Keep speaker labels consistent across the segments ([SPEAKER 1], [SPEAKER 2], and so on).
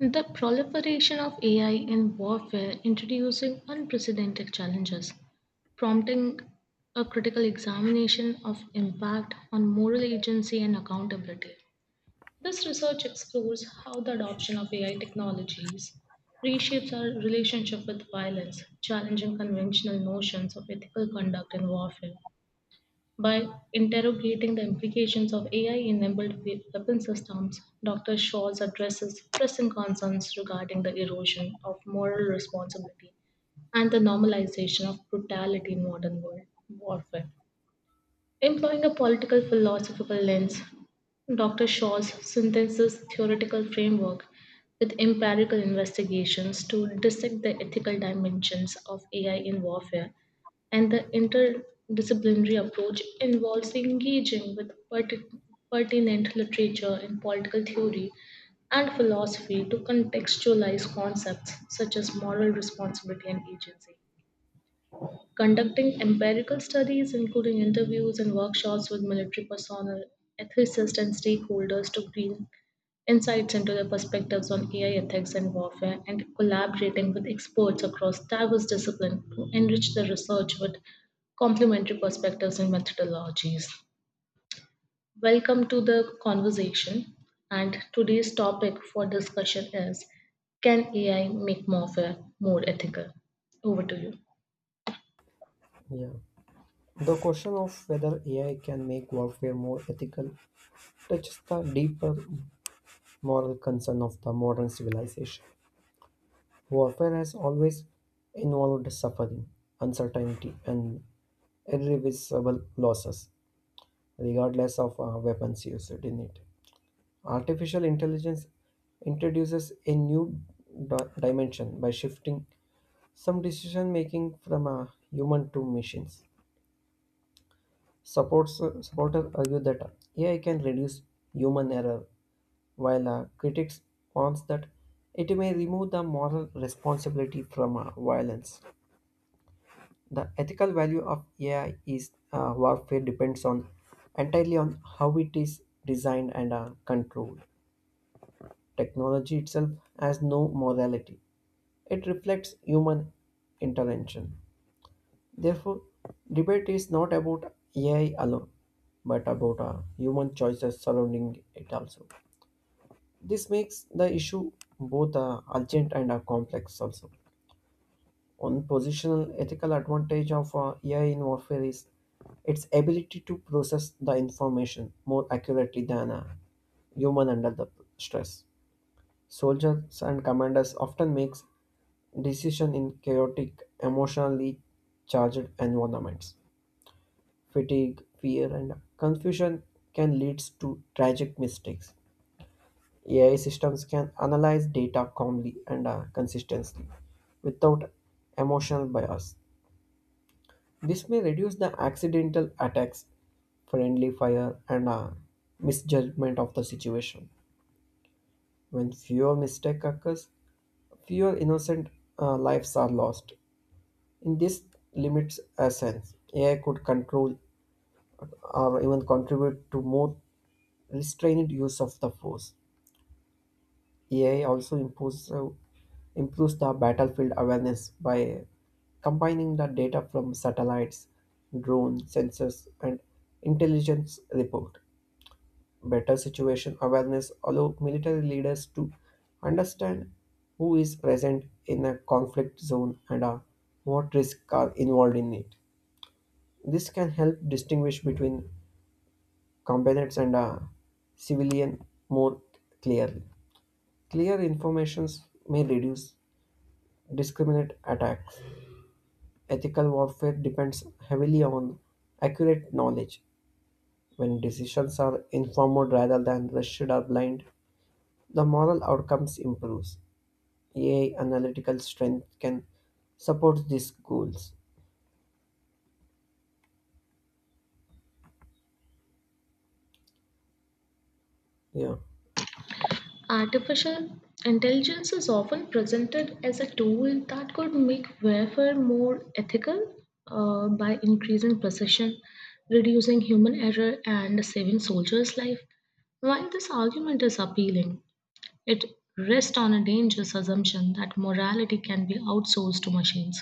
[SPEAKER 1] The proliferation of AI in warfare introducing unprecedented challenges, prompting a critical examination of impact on moral agency and accountability. This research explores how the adoption of AI technologies reshapes our relationship with violence, challenging conventional notions of ethical conduct in warfare. By interrogating the implications of AI enabled weapon systems, Dr. Shaw's addresses pressing concerns regarding the erosion of moral responsibility and the normalization of brutality in modern world warfare. Employing a political philosophical lens, Dr. Shaw's synthesis theoretical framework with empirical investigations to dissect the ethical dimensions of AI in warfare and the interdisciplinary approach involves engaging with pertinent literature in political theory and philosophy to contextualize concepts such as moral responsibility and agency conducting empirical studies, including interviews and workshops with military personnel, ethicists, and stakeholders to glean insights into their perspectives on AI ethics and warfare, and collaborating with experts across diverse disciplines to enrich the research with complementary perspectives and methodologies. Welcome to the conversation, and today's topic for discussion is, can AI make warfare more ethical? Over to you.
[SPEAKER 2] Yeah. The question of whether AI can make warfare more ethical touches the deeper moral concern of the modern civilization. Warfare has always involved suffering, uncertainty, and irreversible losses, regardless of weapons used in it. Artificial intelligence introduces a new dimension by shifting some decision making from a human to machines. Supporters argue that AI can reduce human error, while critics points that it may remove the moral responsibility from violence. The ethical value of AI is warfare depends on entirely on how it is designed and controlled. Technology itself has no morality; it reflects human intervention. Therefore, debate is not about AI alone, but about human choices surrounding it also. This makes the issue both urgent and complex also. One positional ethical advantage of AI in warfare is its ability to process the information more accurately than a human under the stress. Soldiers and commanders often makes decision in chaotic, emotionally charged environments fatigue, fear, and confusion can lead to tragic mistakes. AI systems can analyze data calmly and consistently without emotional bias. This may reduce the accidental attacks, friendly fire, and misjudgment of the situation. When fewer mistake occurs, fewer innocent lives are lost. In this limits essence, AI could control or even contribute to more restrained use of the force. AI also improves the battlefield awareness by combining the data from satellites, drone sensors, and intelligence report. Better situation awareness allow military leaders to understand who is present in a conflict zone and what risks are involved in it. This can help distinguish between combatants and civilian more clearly. Clear informations may reduce discriminate attacks. Ethical warfare depends heavily on accurate knowledge. When decisions are informed rather than rushed or blind, the moral outcomes improves. AI analytical strength can support these goals. Yeah,
[SPEAKER 1] Artificial intelligence is often presented as a tool that could make warfare more ethical by increasing precision, reducing human error, and saving soldiers' life. While this argument is appealing, it rests on a dangerous assumption that morality can be outsourced to machines.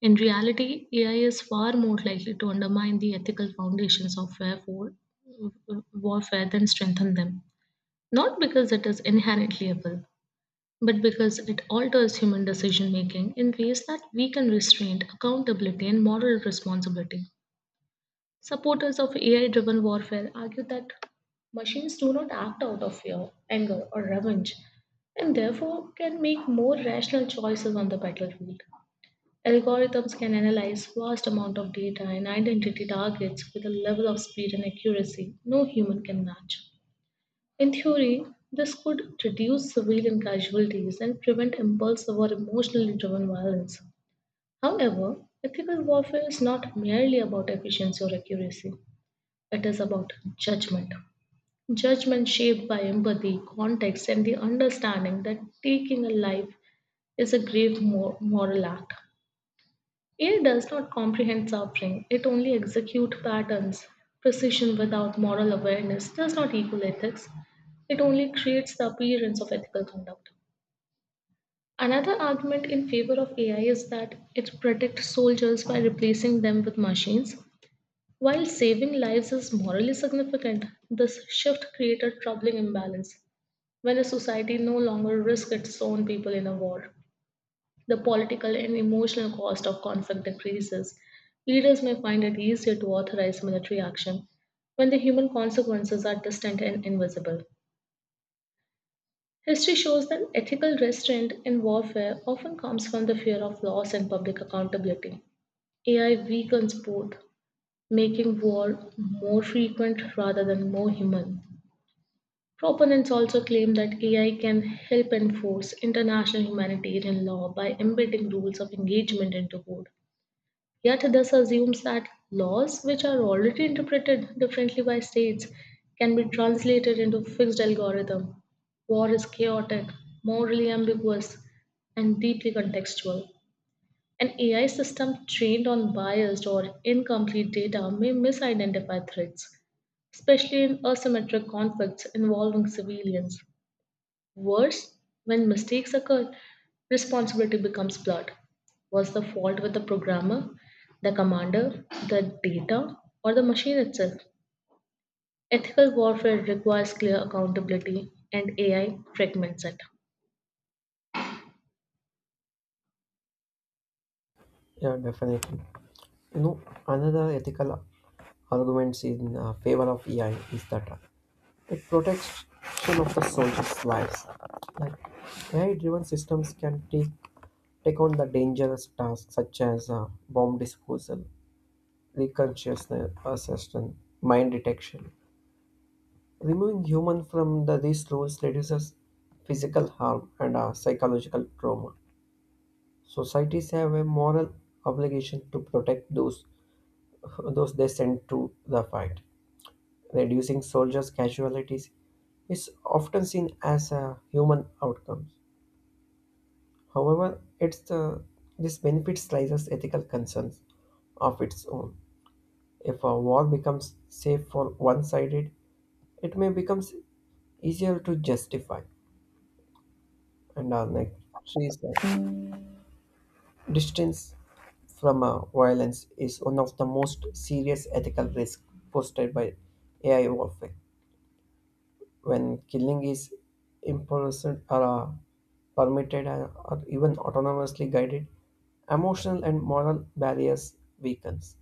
[SPEAKER 1] In reality, AI is far more likely to undermine the ethical foundations of warfare than strengthen them. Not because it is inherently evil, but because it alters human decision making in ways that weaken restraint, accountability, and moral responsibility. Supporters of AI driven warfare argue that machines do not act out of fear, anger, or revenge, and therefore can make more rational choices on the battlefield. Algorithms can analyze vast amount of data and identity targets with a level of speed and accuracy no human can match. In theory, this could reduce civilian casualties and prevent impulsive or emotionally driven violence. However, ethical warfare is not merely about efficiency or accuracy, it is about judgment. Judgment shaped by empathy, context, and the understanding that taking a life is a grave moral act. AI does not comprehend suffering, it only executes patterns. Precision without moral awareness does not equal ethics, it only creates the appearance of ethical conduct. Another argument in favor of AI is that it protects soldiers by replacing them with machines. While saving lives is morally significant, this shift created troubling imbalance when a society no longer risks its own people in a war. The political and emotional cost of conflict decreases. Leaders may find it easier to authorize military action when the human consequences are distant and invisible. History shows that ethical restraint in warfare often comes from the fear of loss and public accountability. AI weakens both, making war more frequent rather than more human. Proponents also claim that AI can help enforce international humanitarian law by embedding rules of engagement into code. Yet, this assumes that laws, which are already interpreted differently by states, can be translated into fixed algorithm. War is chaotic, morally ambiguous, and deeply contextual. An AI system trained on biased or incomplete data may misidentify threats, especially in asymmetric conflicts involving civilians. Worse, when mistakes occur, responsibility becomes blurred. Was the fault with the programmer, the commander, the data, or the machine itself? Ethical warfare requires clear accountability, and AI fragments it.
[SPEAKER 2] yeah, definitely. You know, another ethical arguments in favor of AI is that it protects of the soldiers' lives. Like AI-driven systems can take on the dangerous tasks such as bomb disposal, reconsciousness assessment, mine detection. Removing human from these roles reduces physical harm and psychological trauma. Societies have a moral obligation to protect those they send to the fight. Reducing soldiers' casualties is often seen as a human outcome. However, it's the this benefits raises ethical concerns of its own. If a war becomes safe for one-sided, it may become easier to justify, and our countries that distance from violence is one of the most serious ethical risks posted by AI warfare. When killing is impulsive or permitted or even autonomously guided, emotional and moral barriers weakens.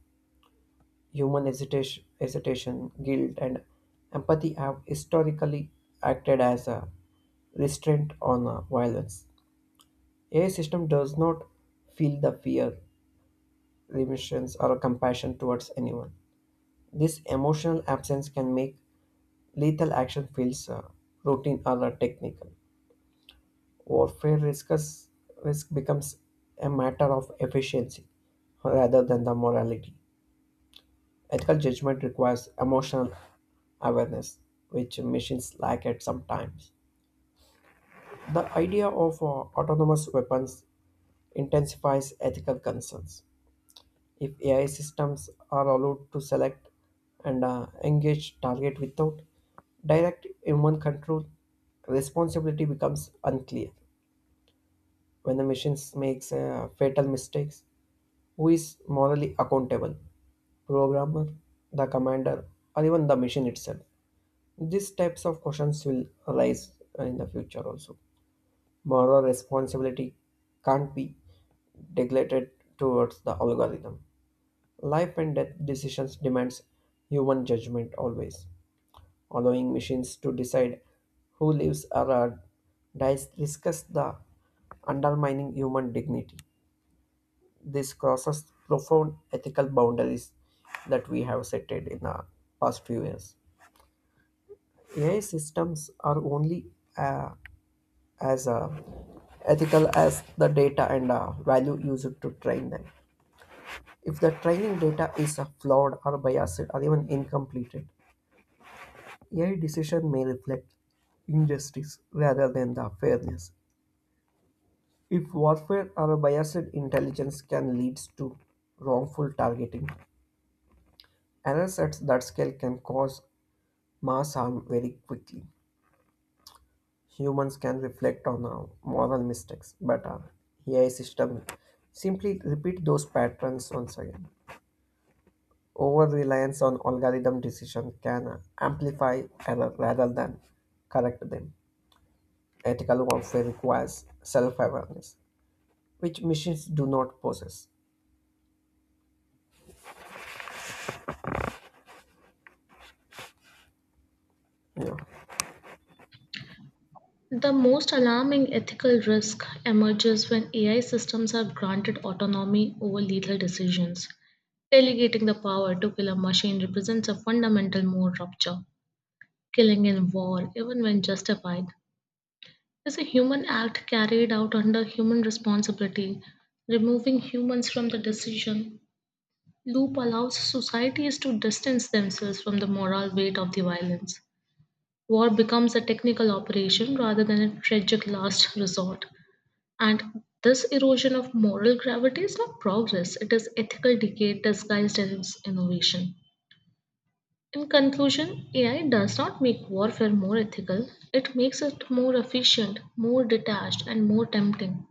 [SPEAKER 2] Human hesitation, guilt, and empathy have historically acted as a restraint on violence. AI system does not feel the fear, remorse, or compassion towards anyone. This emotional absence can make lethal action feels routine or technical. Warfare risk becomes a matter of efficiency rather than the morality. Ethical judgment requires emotional awareness, which machines lack at some times. The idea of autonomous weapons intensifies ethical concerns. If AI systems are allowed to select and engage target without direct human control, responsibility becomes unclear. When the machines makes fatal mistakes, who is morally accountable? Programmer, the commander, or even the machine itself? These types of questions will arise in the future also. Moral responsibility can't be neglected towards the algorithm. Life and death decisions demands human judgment always. Allowing machines to decide who lives or dies risks the undermining human dignity. This crosses profound ethical boundaries that we have set in the past few years. AI systems are only uh, as ethical as the data and value used to train them. If the training data is flawed or biased or even incomplete, AI decision may reflect injustice rather than the fairness. If warfare or biased intelligence can lead to wrongful targeting, errors at that scale can cause mass harm very quickly. Humans can reflect on our moral mistakes, but our AI system simply repeat those patterns once again. Over reliance on algorithm decision can amplify error rather than correct them. Ethical warfare requires self-awareness, which machines do not possess. Yeah.
[SPEAKER 1] The most alarming ethical risk emerges when AI systems are granted autonomy over lethal decisions. Delegating the power to kill a machine represents a fundamental moral rupture. Killing in war, even when justified, is a human act carried out under human responsibility. Removing humans from the decision loop allows societies to distance themselves from the moral weight of the violence. War becomes a technical operation rather than a tragic last resort. And this erosion of moral gravity is not progress, it is ethical decay disguised as innovation. In conclusion, AI does not make warfare more ethical, it makes it more efficient, more detached, and more tempting.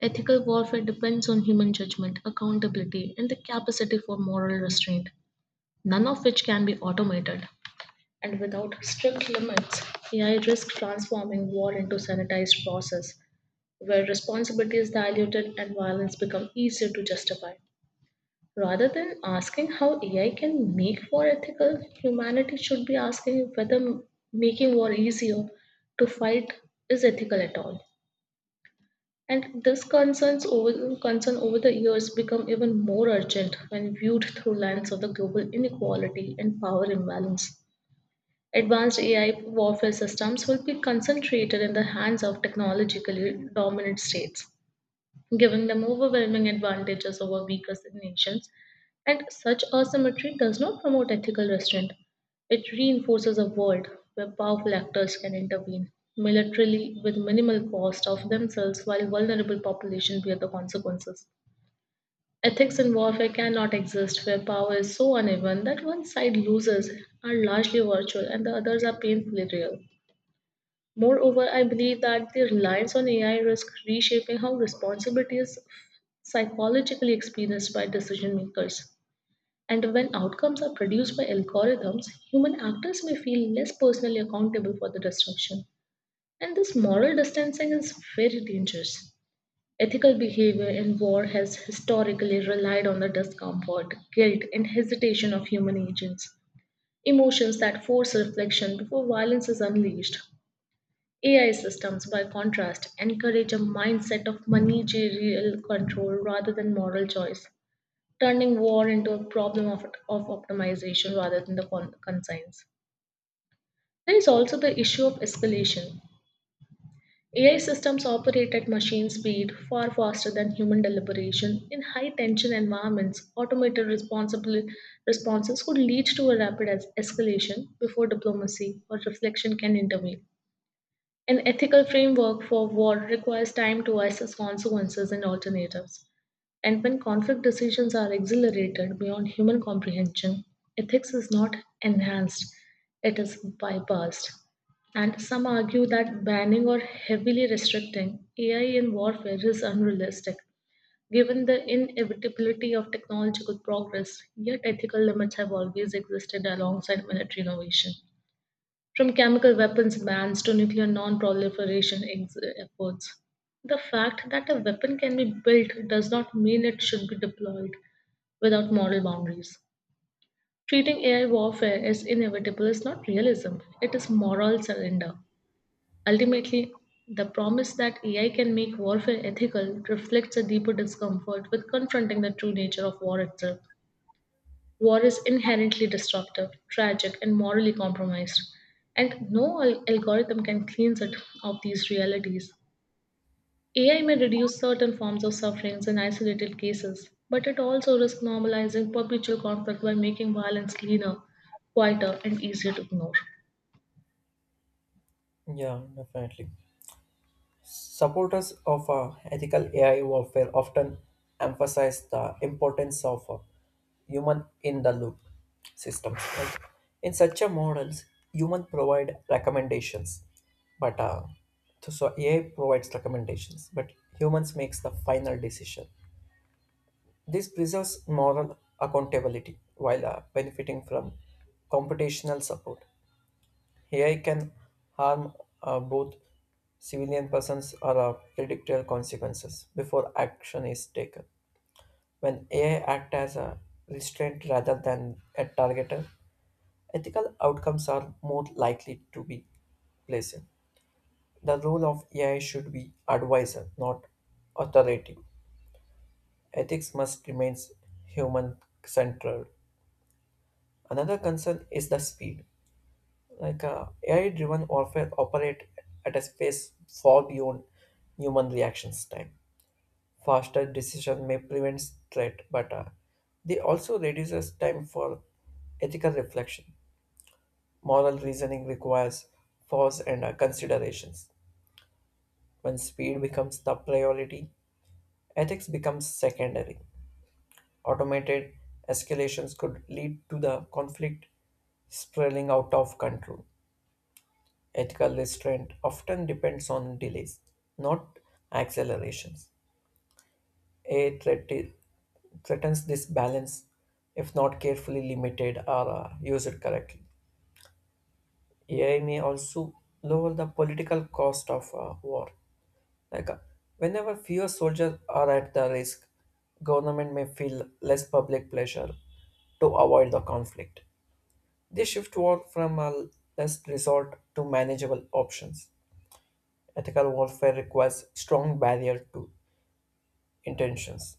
[SPEAKER 1] Ethical warfare depends on human judgment, accountability, and the capacity for moral restraint, none of which can be automated. And without strict limits, AI risks transforming war into sanitized process, where responsibility is diluted and violence becomes easier to justify. Rather than asking how AI can make war ethical, humanity should be asking whether making war easier to fight is ethical at all. And this concern over the years become even more urgent when viewed through lens of the global inequality and power imbalance. Advanced AI warfare systems will be concentrated in the hands of technologically dominant states, giving them overwhelming advantages over weaker nations. And such asymmetry does not promote ethical restraint. It reinforces a world where powerful actors can intervene militarily with minimal cost of themselves while vulnerable populations bear the consequences. Ethics in warfare cannot exist where power is so uneven that one side loses are largely virtual and the others are painfully real. Moreover, I believe that the reliance on AI risks reshaping how responsibility is psychologically experienced by decision makers. And when outcomes are produced by algorithms, human actors may feel less personally accountable for the destruction. And this moral distancing is very dangerous. Ethical behavior in war has historically relied on the discomfort, guilt, and hesitation of human agents, emotions that force reflection before violence is unleashed. AI systems, by contrast, encourage a mindset of managerial control rather than moral choice, turning war into a problem of optimization rather than the conscience. There is also the issue of escalation. AI systems operate at machine speed far faster than human deliberation. In high tension environments, automated responsible responses could lead to a rapid escalation before diplomacy or reflection can intervene. An ethical framework for war requires time to assess consequences and alternatives. And when conflict decisions are accelerated beyond human comprehension, ethics is not enhanced, it is bypassed. And some argue that banning or heavily restricting AI in warfare is unrealistic. Given the inevitability of technological progress, yet ethical limits have always existed alongside military innovation from chemical weapons bans to nuclear non-proliferation efforts. The fact that a weapon can be built does not mean it should be deployed without moral boundaries. Treating AI warfare as inevitable is not realism, it is moral surrender. Ultimately, the promise that AI can make warfare ethical reflects a deeper discomfort with confronting the true nature of war itself. War is inherently disruptive, tragic, and morally compromised, and no algorithm can cleanse it of these realities. AI may reduce certain forms of sufferings in isolated cases, but it also risks normalizing perpetual conflict by making violence cleaner, quieter, and easier to ignore.
[SPEAKER 2] Yeah, definitely. Supporters of ethical AI warfare often emphasize the importance of human in the loop systems, right? In such a models human provide recommendations but ai provides recommendations but humans makes the final decision. This preserves moral accountability while benefiting from computational support. Ai can harm both civilian persons or predictable consequences before action is taken when ai act as a restraint rather than a targeter. Ethical outcomes are more likely to be pleasant. The role of AI should be advisor, not authoritative. Ethics must remain human centered. Another concern is the speed. Like AI driven warfare operate at a pace far beyond human reactions time. Faster decision may prevent threat, but they also reduces time for ethical reflection. Moral reasoning requires pause and considerations. When speed becomes the priority, ethics becomes secondary. Automated escalations could lead to the conflict spiraling out of control. Ethical restraint often depends on delays, not accelerations. A threat i- threatens this balance if not carefully limited or used correctly. AI may also lower the political cost of war. Like whenever fewer soldiers are at the risk, government may feel less public pressure to avoid the conflict. They shift war from a less resort to manageable options. Ethical warfare requires strong barrier to intentions.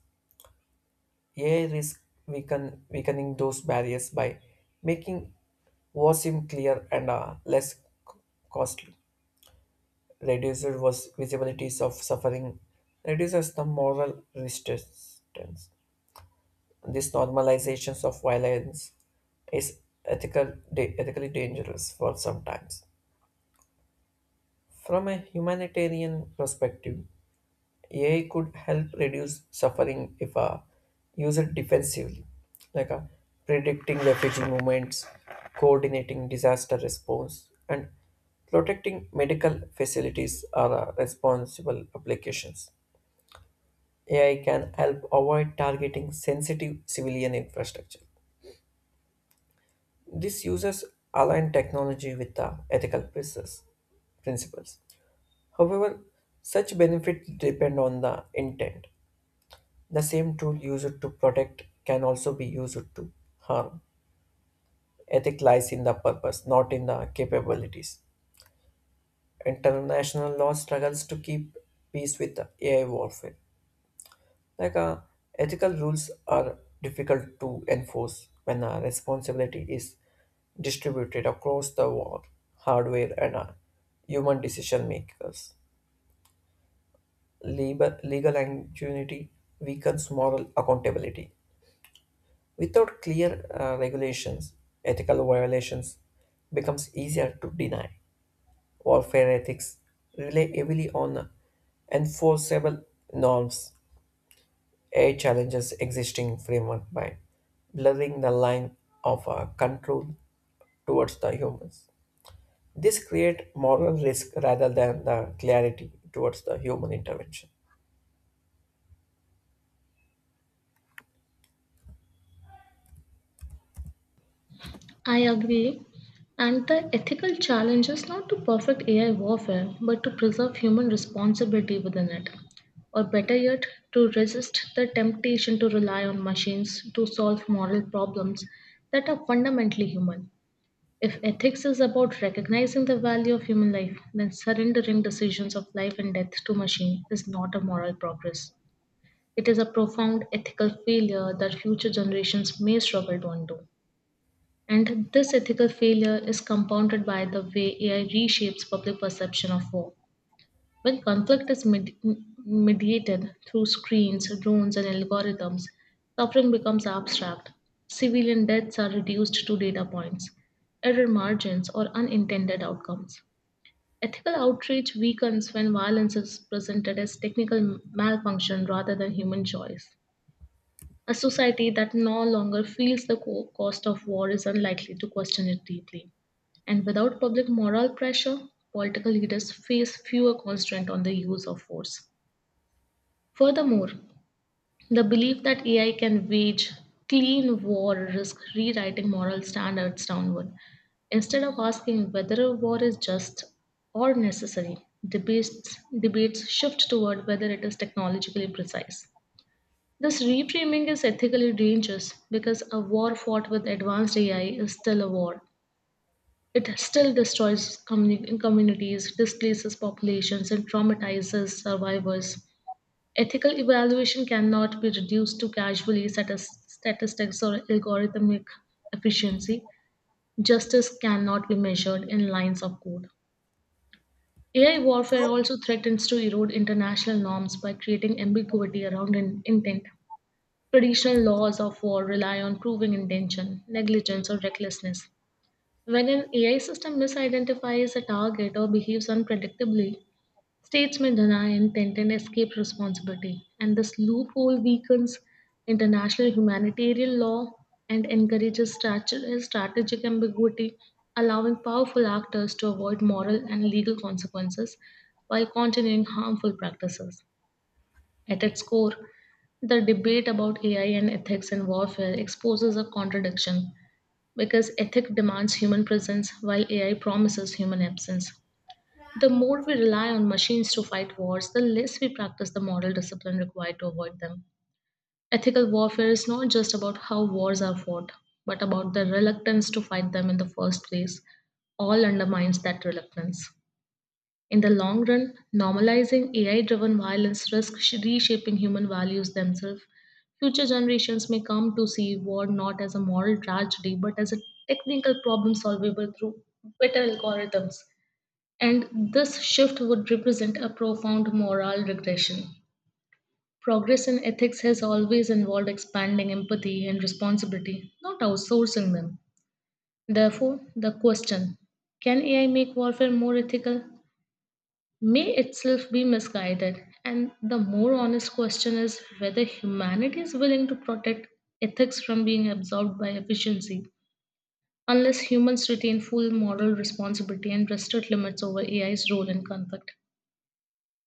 [SPEAKER 2] AI risk weakening those barriers by making war seem clear and costly. Reduces was visibilities of suffering, reduces the moral resistance. This normalizations of violence is ethically dangerous for sometimes. From a humanitarian perspective, AI could help reduce suffering if used defensively, like predicting refugee movements, coordinating disaster response, and protecting medical facilities are responsible applications. AI can help avoid targeting sensitive civilian infrastructure. This uses aligned technology with the ethical principles. However, such benefits depend on the intent. The same tool used to protect can also be used to harm. Ethic lies in the purpose, not in the capabilities. International law struggles to keep peace with AI warfare. Like ethical rules are difficult to enforce when responsibility is distributed across the world, hardware and human decision makers. Legal impunity weakens moral accountability. Without clear regulations, ethical violations becomes easier to deny. Warfare ethics rely heavily on enforceable norms. AI challenges existing framework by blurring the line of control towards the humans. This create moral risk rather than the clarity towards the human intervention.
[SPEAKER 1] I agree. And the ethical challenge is not to perfect AI warfare, but to preserve human responsibility within it. Or better yet, to resist the temptation to rely on machines to solve moral problems that are fundamentally human. If ethics is about recognizing the value of human life, then surrendering decisions of life and death to machine is not a moral progress. It is a profound ethical failure that future generations may struggle to undo. And this ethical failure is compounded by the way AI reshapes public perception of war. When conflict is mediated through screens, drones, and algorithms, suffering becomes abstract. Civilian deaths are reduced to data points, error margins, or unintended outcomes. Ethical outrage weakens when violence is presented as technical malfunction rather than human choice. A society that no longer feels the cost of war is unlikely to question it deeply. And without public moral pressure, political leaders face fewer constraints on the use of force. Furthermore, the belief that AI can wage clean war risks rewriting moral standards downward. Instead of asking whether a war is just or necessary, debates shift toward whether it is technologically precise. This reframing is ethically dangerous because a war fought with advanced AI is still a war. It still destroys communities, displaces populations, and traumatizes survivors. Ethical evaluation cannot be reduced to casually statistics or algorithmic efficiency. Justice cannot be measured in lines of code. AI warfare also threatens to erode international norms by creating ambiguity around intent. Traditional laws of war rely on proving intention, negligence, or recklessness. When an AI system misidentifies a target or behaves unpredictably, states may deny intent and escape responsibility, and this loophole weakens international humanitarian law and encourages strategic ambiguity, allowing powerful actors to avoid moral and legal consequences while continuing harmful practices. At its core, the debate about AI and ethics in warfare exposes a contradiction because ethic demands human presence while AI promises human absence. The more we rely on machines to fight wars, the less we practice the moral discipline required to avoid them. Ethical warfare is not just about how wars are fought, but about the reluctance to fight them in the first place. All undermines that reluctance. In the long run, normalizing AI driven violence risks reshaping human values themselves. Future generations may come to see war not as a moral tragedy but as a technical problem solvable through better algorithms. And this shift would represent a profound moral regression. Progress in ethics has always involved expanding empathy and responsibility, not outsourcing them. Therefore, the question, can AI make warfare more ethical, may itself be misguided. And the more honest question is whether humanity is willing to protect ethics from being absorbed by efficiency, unless humans retain full moral responsibility and restrict limits over AI's role in conflict.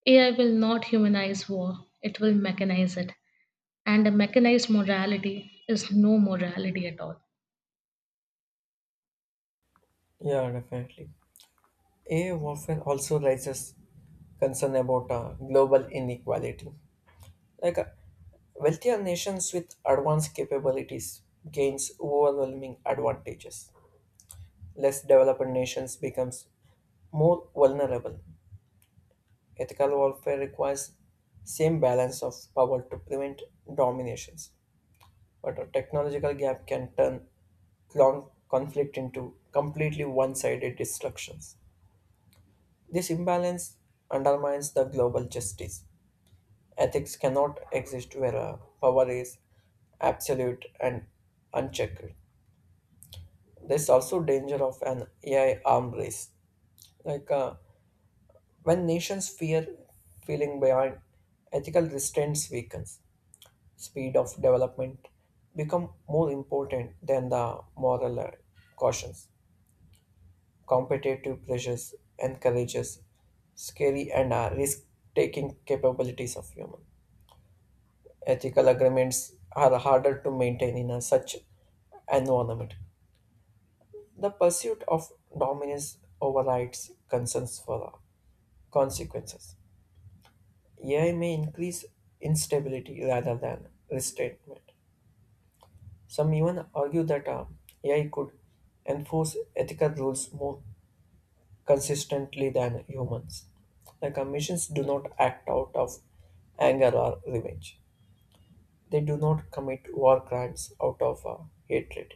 [SPEAKER 1] AI will not humanize war, it will mechanize it. And a mechanized morality is no morality at all.
[SPEAKER 2] Yeah, definitely. AI warfare also raises concern about global inequality. Like wealthier nations with advanced capabilities gains overwhelming advantages. Less developed nations becomes more vulnerable. Ethical warfare requires same balance of power to prevent dominations, but a technological gap can turn long conflict into completely one-sided destructions. This imbalance undermines the global justice. Ethics cannot exist where power is absolute and unchecked. There's also danger of an AI arms race. Like when nations fear feeling behind, ethical restraints weakens. Speed of development become more important than the moral cautions. Competitive pressures encourages scary and risk-taking capabilities of human. Ethical agreements are harder to maintain in a such environment. The pursuit of dominance overrides concerns for consequences. AI may increase instability rather than restraint. Some even argue that AI could enforce ethical rules more consistently than humans. The commissions do not act out of anger or revenge. They do not commit war crimes out of hatred.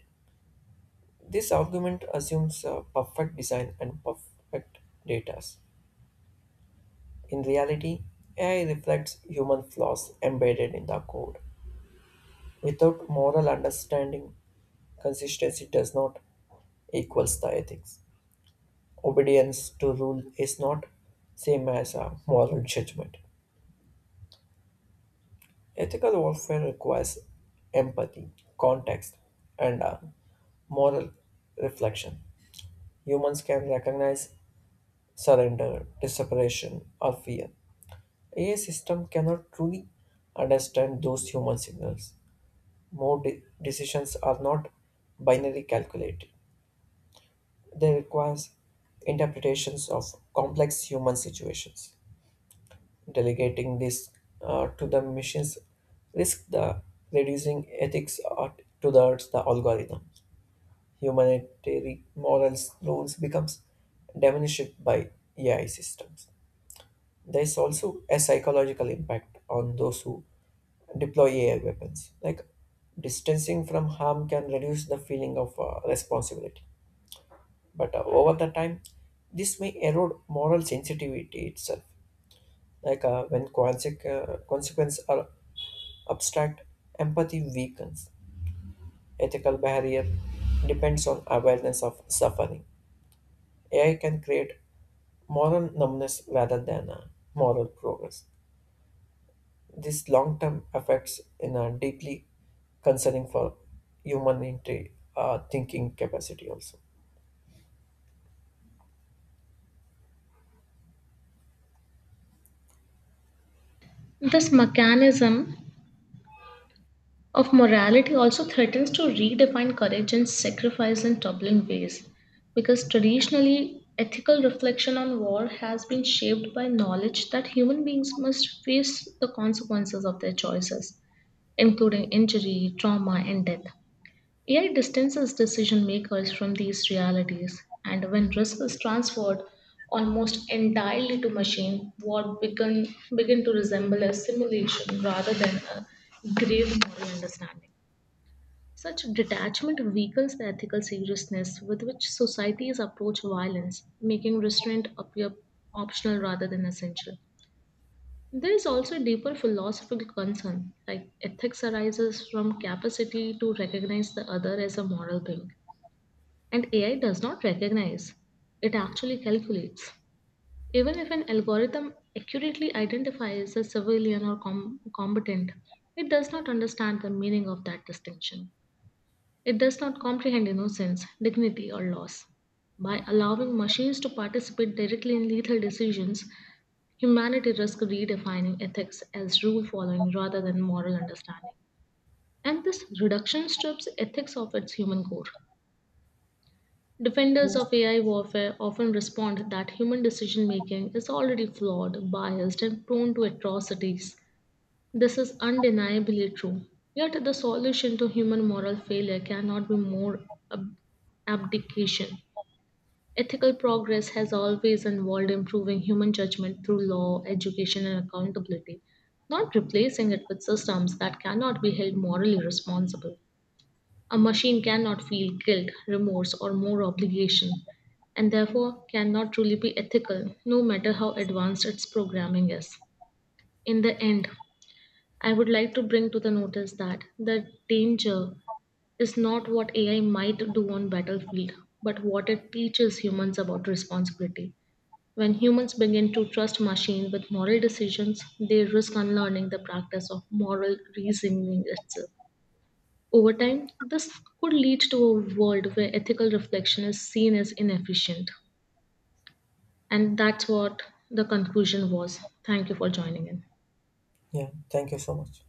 [SPEAKER 2] This argument assumes perfect design and perfect data. In reality, AI reflects human flaws embedded in the code. Without moral understanding, consistency does not equals the ethics. Obedience to rule is not same as a moral judgment. Ethical warfare requires empathy, context, and moral reflection. Humans can recognize surrender, desperation, or fear. A system cannot truly understand those human signals. More decisions are not binary calculated. They require interpretations of complex human situations. Delegating this to the machines risk the reducing ethics or towards the algorithm. Humanitarian morals rules becomes diminished by AI systems. There is also a psychological impact on those who deploy AI weapons. Like distancing from harm can reduce the feeling of responsibility, but over the time, this may erode moral sensitivity itself. Like when consequences are abstract empathy weakens. Ethical barrier depends on awareness of suffering. AI can create moral numbness rather than moral progress. This long term effects in a deeply concerning for human thinking capacity also.
[SPEAKER 1] This mechanism of morality also threatens to redefine courage and sacrifice in troubling ways because traditionally ethical reflection on war has been shaped by knowledge that human beings must face the consequences of their choices including injury trauma and death. AI distances decision makers from these realities, and when risk is transferred almost entirely to machine, what begin to resemble a simulation rather than a grave moral understanding. Such detachment weakens the ethical seriousness with which societies approach violence, making restraint appear optional rather than essential. There is also a deeper philosophical concern, like ethics arises from capacity to recognize the other as a moral being and AI does not recognize, it actually calculates. Even if an algorithm accurately identifies a civilian or combatant, it does not understand the meaning of that distinction. It does not comprehend innocence, dignity, or loss. By allowing machines to participate directly in lethal decisions, humanity risks redefining ethics as rule following rather than moral understanding. And this reduction strips ethics of its human core. Defenders of AI warfare often respond that human decision making is already flawed, biased, and prone to atrocities. This is undeniably true. Yet, the solution to human moral failure cannot be more ab- abdication. Ethical progress has always involved improving human judgment through law, education, and accountability, not replacing it with systems that cannot be held morally responsible. A machine cannot feel guilt, remorse, or more obligation, and therefore cannot truly be ethical, no matter how advanced its programming is. In the end, I would like to bring to the notice that the danger is not what AI might do on battlefield, but what it teaches humans about responsibility. When humans begin to trust machines with moral decisions, they risk unlearning the practice of moral reasoning itself. Over time, this could lead to a world where ethical reflection is seen as inefficient. And that's what the conclusion was. Thank you for joining in.
[SPEAKER 2] Yeah, thank you so much.